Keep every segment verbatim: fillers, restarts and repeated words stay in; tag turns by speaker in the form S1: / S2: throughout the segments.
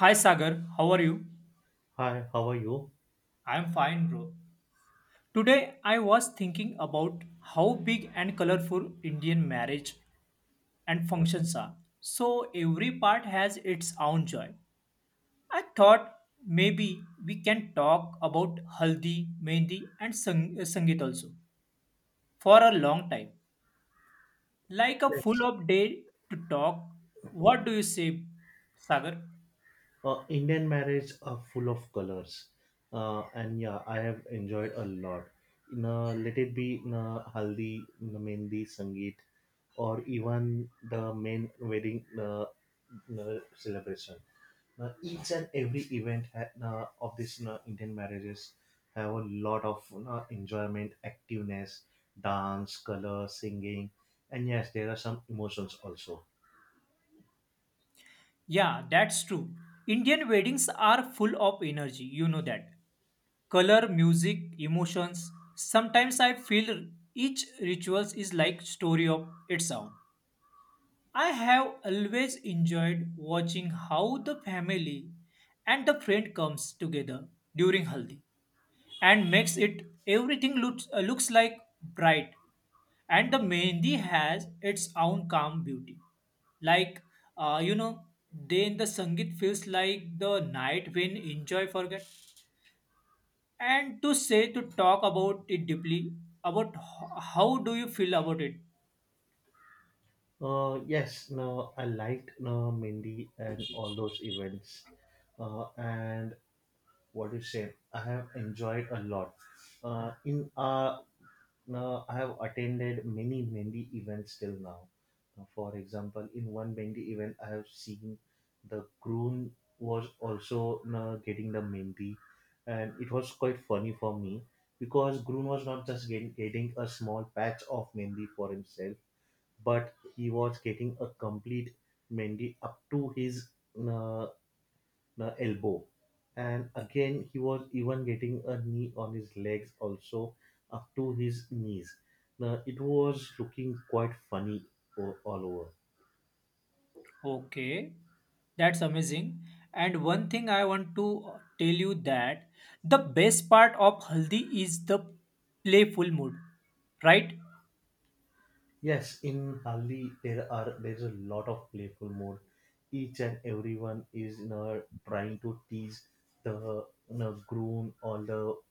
S1: Hi Sagar, how are you?
S2: Hi, how are you?
S1: I'm fine, bro. Today I was thinking about how big and colorful Indian marriage and functions are. So every part has its own joy. I thought maybe we can talk about haldi, mehndi and sang- sangeet also for a long time. Like a full
S2: Yes.
S1: up day to talk. What do you say, Sagar?
S2: Uh, Indian marriage are full of colors. Uh, and yeah, I have enjoyed a lot. In a, let it be in a haldi, in a mehndi, sangeet, or even the main wedding uh, uh, celebration. Now, each and every event ha- uh, of this uh, Indian marriages have a lot of uh, enjoyment, activeness, dance, color, singing, and yes, there are some emotions also.
S1: Yeah, that's true. Indian weddings are full of energy, you know that. Color, music, emotions. Sometimes I feel each rituals is like story of its own. I have always enjoyed watching how the family and the friend comes together during Haldi and makes it everything looks uh, looks like bright, and the mehndi has its own calm beauty, like uh, you know, then the sangeet feels like the night when enjoy forget, and to say to talk about it deeply about h- how do you feel about it.
S2: Uh, yes, no, I liked no Mindy and all those events. Uh, and what you say, I have enjoyed a lot. Uh, in uh, no, I have attended many Mindy events till now. Now, for example, in one Mindy event, I have seen the groom was also no, getting the Mindy, and it was quite funny for me because groom was not just getting, getting a small patch of Mindy for himself but he was getting a complete Mendy up to his uh, uh, elbow. And again, he was even getting a knee on his legs also up to his knees. Now, it was looking quite funny o- all over.
S1: Okay, that's amazing. And one thing I want to uh, tell you that the best part of haldi is the playful mood, right?
S2: Yes, in Hali there are there is a lot of playful mode. Each and everyone is you know, trying to tease the you know, groom or the you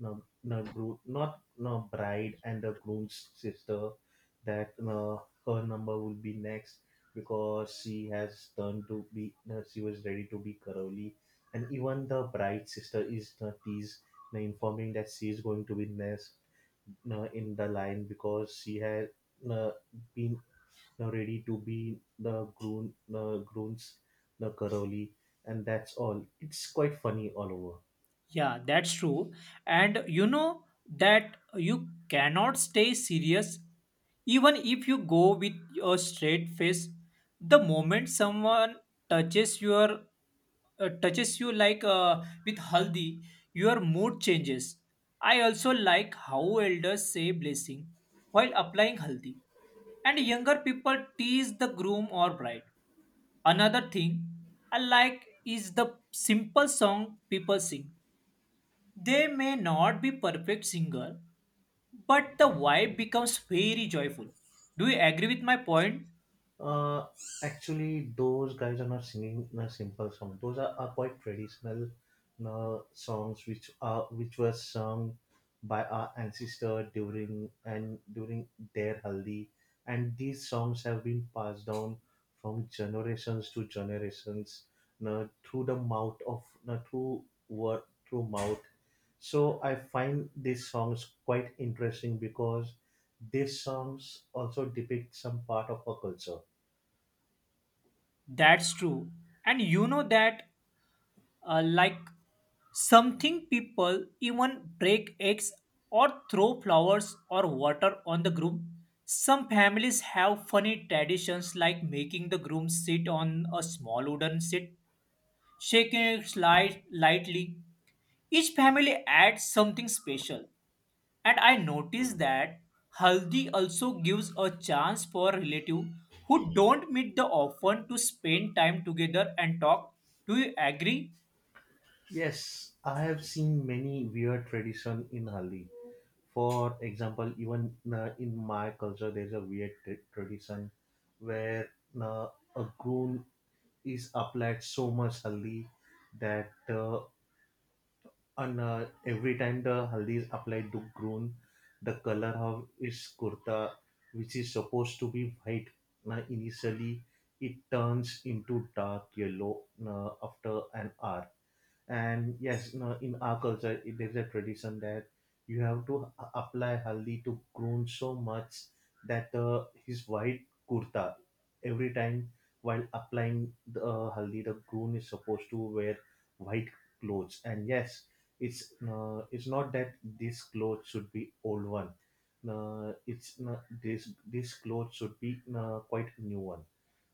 S2: know, you know, groom not you know, bride and the groom's sister that you know, her number will be next because she has turned to be you know, she was ready to be curly and even the bride's sister is you know, teased you know, informing that she is going to be next you know, in the line because she has uh, been uh, ready to be the groom, uh, grooms, the Karoli, and that's all. It's quite funny all over.
S1: Yeah, that's true. And you know that you cannot stay serious even if you go with a straight face. The moment someone touches your uh, touches you like uh, with haldi, your mood changes. I also like how elders say blessing while applying haldi, and younger people tease the groom or bride. Another thing I like is the simple song people sing, they may not be perfect singer, but the vibe becomes very joyful. Do you agree with my point?
S2: Uh, Actually, those guys are not singing a simple song. Those are, are quite traditional uh, songs, which are which were sung by our ancestor during and during their haldi, and these songs have been passed down from generations to generations, uh, through the mouth of uh, through word through mouth. So I find these songs quite interesting because these songs also depict some part of our culture.
S1: That's true. And you know that uh, like something people even break eggs or throw flowers or water on the groom. Some families have funny traditions like making the groom sit on a small wooden seat, shaking it light, lightly. Each family adds something special. And I noticed that Haldi also gives a chance for relatives who don't meet the often to spend time together and talk. Do you agree?
S2: Yes, I have seen many weird tradition in Hali. For example, even uh, in my culture, there's a weird t- tradition where uh, a groom is applied so much haldi that uh, and, uh, every time the haldi is applied to groom, the color of his kurta, which is supposed to be white, uh, initially it turns into dark yellow uh, after an hour. And yes, you know, in our culture, it- there's a tradition that you have to a- apply haldi to groom so much that uh, his white kurta, every time while applying the uh, haldi, the groom is supposed to wear white clothes. And yes, it's uh, it's not that this clothes should be old one. Uh, it's uh, this this clothes should be uh, quite new one.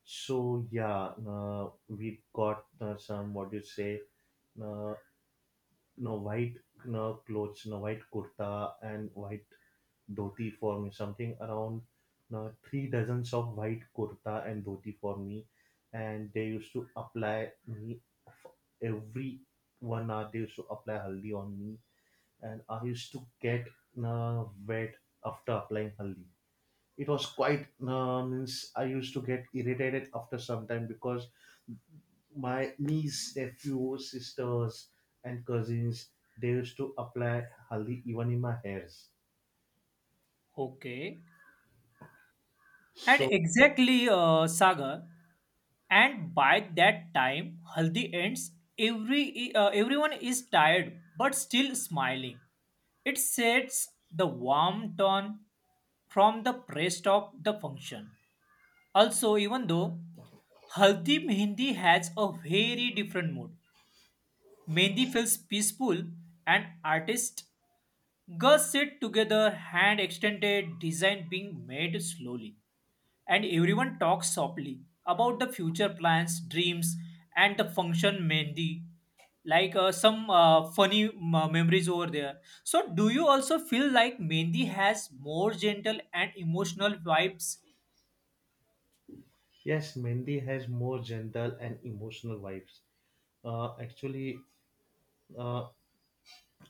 S2: So yeah, uh, we got uh, some what do you say uh, no white no clothes, no white kurta and white dhoti for me. Something around no, three dozens of white kurta and dhoti for me, and they used to apply me f- every one hour. They used to apply haldi on me, and I used to get no, wet after applying haldi. It was quite no, means I used to get irritated after some time because my niece, nephews, sisters, and cousins, they used to apply haldi even in my hairs.
S1: Okay. And
S2: So
S1: exactly, uh, Sagar. And by that time, Haldi ends. Every uh, everyone is tired but still smiling. It sets the warm tone from the rest of the function. Also, even though Haldi Mehendi has a very different mood, Mehendi feels peaceful and artist. Girls sit together, hand extended, design being made slowly. And everyone talks softly about the future plans, dreams, and the function Mehendi. Like uh, some uh, funny uh, memories over there. So, do you also feel like Mehendi has more gentle and emotional vibes?
S2: yes, Mendi has more gentle and emotional vibes. Uh, actually, uh,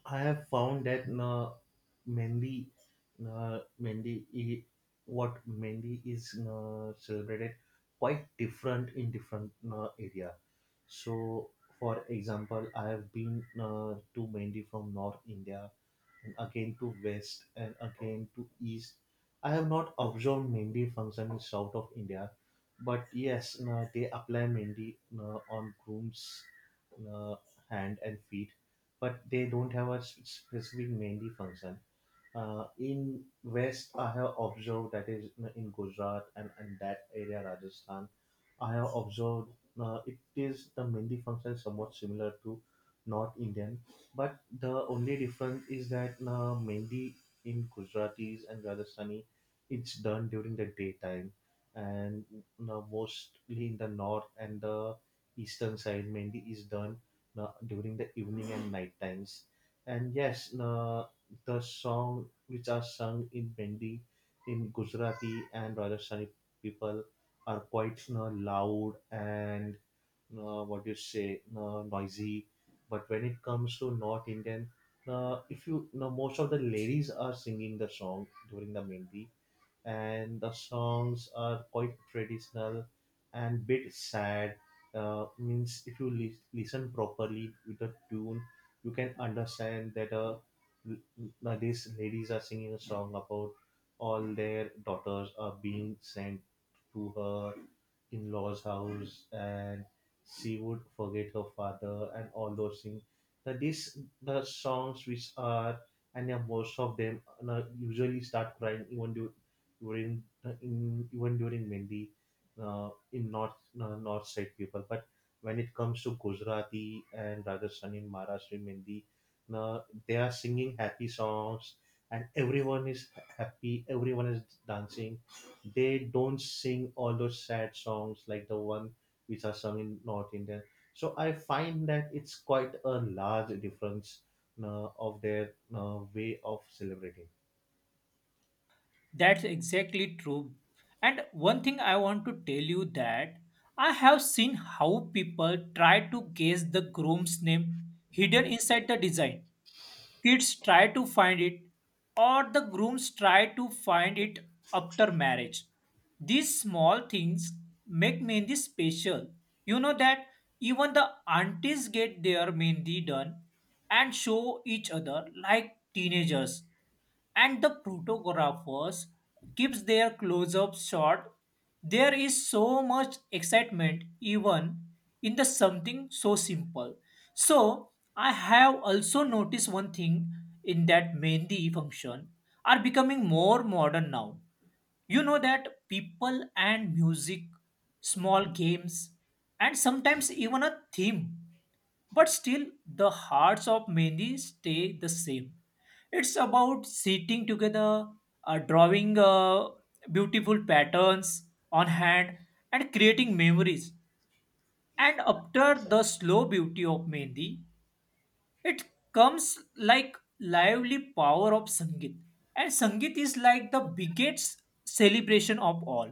S2: I have found that uh, Mendi, uh, Mendi, i- what Mendi is uh, celebrated quite different in different uh, area. So, for example, I have been uh, to Mendi from North India and again to west and again to east. I have not observed Mendi function in south of India, but yes, no, they apply Mendi no, on groom's no, hand and feet, but they don't have a s- specific Mendi function. Uh, in West, I have observed that is in Gujarat and in that area, Rajasthan, I have observed uh, it is the Mendi function is somewhat similar to North Indian, but the only difference is that uh, Mendi in Gujaratis and Rajasthani, it's done during the daytime, and uh, mostly in the north and the eastern side, Mendi is done uh, during the evening and night times. And yes, uh, the song which are sung in Bendi, in Gujarati and Rajasthani people are quite you know, loud and uh, what you say uh, noisy. But when it comes to North Indian, uh, if you, you know, most of the ladies are singing the song during the Mendi and the songs are quite traditional and bit sad. Uh, means if you lis- listen properly with the tune, you can understand that uh, l- l- these ladies are singing a song about all their daughters are being sent to her in-laws house and she would forget her father and all those things that these the songs which are and yeah, most of them uh, usually start crying even du- during uh, in even during Mendi uh, in north uh, north side people. But when it comes to Gujarati and Rajasthani, Maharashtra, Mendi, uh, they are singing happy songs and everyone is happy. Everyone is dancing. They don't sing all those sad songs like the one which are sung in North India. So I find that it's quite a large difference uh, of their uh, way of celebrating.
S1: That's exactly true. And one thing I want to tell you that I have seen how people try to guess the groom's name hidden inside the design. Kids try to find it, or the grooms try to find it after marriage. These small things make Mendi special. You know that even the aunties get their Mendi done and show each other like teenagers, and the photographers keeps their close-ups short. There is so much excitement even in the something so simple. So I have also noticed one thing in that mehndi function are becoming more modern now, you know that people and music, small games, and sometimes even a theme. But still, the hearts of many stay the same. It's about sitting together, uh, drawing uh, beautiful patterns on hand, and creating memories. And after the slow beauty of Mendi, it comes like lively power of sangeet, and sangeet is like the biggest celebration of all.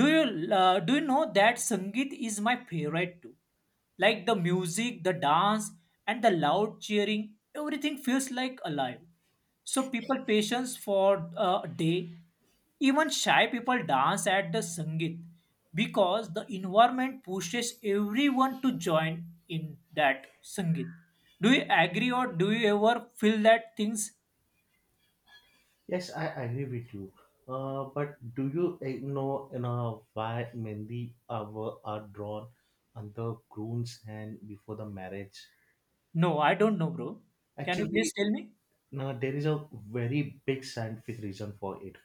S1: Do you uh, do you know that sangeet is my favorite too, like the music, the dance, and the loud cheering, everything feels like alive. So people patience for uh, a day. Even shy people dance at the Sangeet because the environment pushes everyone to join in that Sangeet. Do you agree or do you ever feel that things?
S2: Yes, I agree with you. Uh, but do you eh, know, you know why mainly our are drawn under groom's hand before the marriage?
S1: No, I don't know, bro. Can you please
S2: Actually,
S1: tell me?
S2: no, there is a very big scientific reason for it.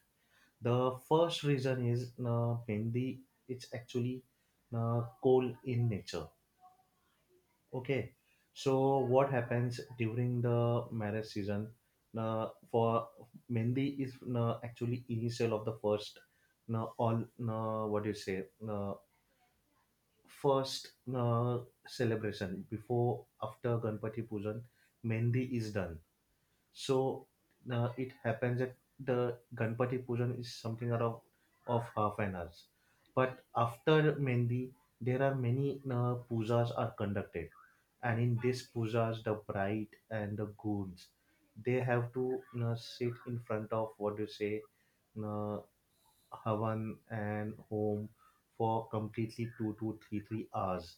S2: The first reason is no, mainly it's actually no, cold in nature. Okay, so what happens during the marriage season? Uh, for Mendi is uh, actually initial of the first, uh, all uh, what do you say? Uh, first uh, celebration before after Ganpati Pujan, Mendi is done. So uh, it happens that the Ganpati Pujan is something around of half an hour. But after Mendi, there are many uh, pujas are conducted, and in these pujas, the bride and the goons, they have to uh, sit in front of what do you say, uh, Havan and home for completely two to three three hours,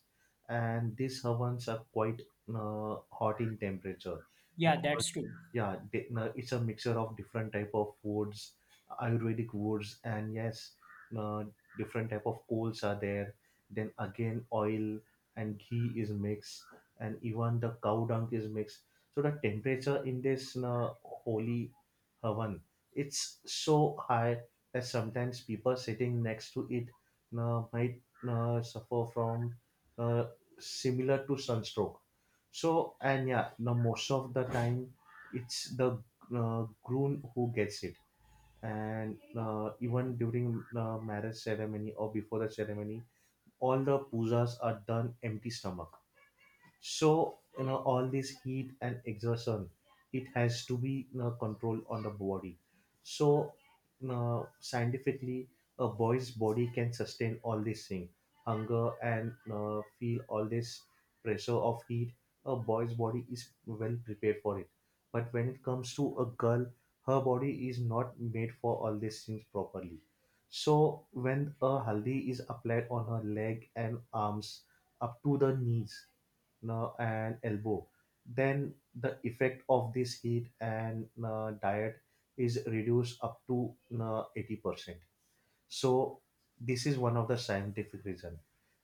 S2: and these Havans are quite uh, hot in temperature
S1: Yeah, that's
S2: because
S1: true.
S2: yeah, they, uh, it's a mixture of different type of woods, Ayurvedic woods, and yes, uh, different type of coals are there. Then again, oil and ghee is mixed, and even the cow dung is mixed. So the temperature in this uh, holy Havan it's so high as sometimes people sitting next to it uh, might uh, suffer from uh, similar to sunstroke. So and yeah, now most of the time it's the uh, groom who gets it, and uh, even during the marriage ceremony or before the ceremony, all the pujas are done empty stomach. So you know all this heat and exertion, it has to be you know, controlled on the body. So you know, scientifically, a boy's body can sustain all this thing, hunger and you know, feel all this pressure of heat. A boy's body is well prepared for it. But when it comes to a girl, her body is not made for all these things properly. So when a haldi is applied on her leg and arms up to the knees, uh, and elbow then the effect of this heat and uh, diet is reduced up to uh, eighty percent. So this is one of the scientific reason,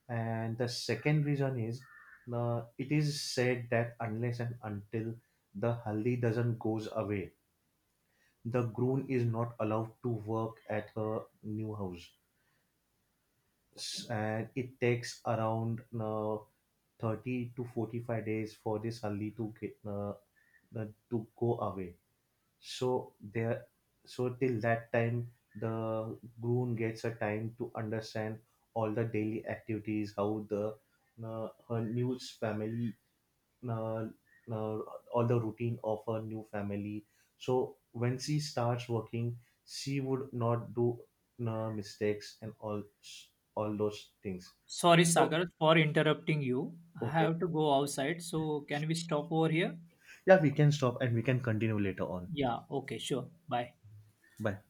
S2: and the second reason is uh, it is said that unless and until the haldi doesn't goes away the groom is not allowed to work at her new house. S- and it takes around uh, thirty to forty-five days for this haldi to get uh, the, to go away. So there, so till that time, the groom gets a time to understand all the daily activities, how the uh, her new family, uh, uh, all the routine of her new family. So when she starts working, she would not do uh, mistakes and all all those things.
S1: Sorry,
S2: So
S1: Sagar, for interrupting you. I
S2: okay,
S1: have to go outside. So can we stop over here?
S2: yeah, we can stop and we can continue later on.
S1: Yeah, okay, sure. Bye.
S2: Bye.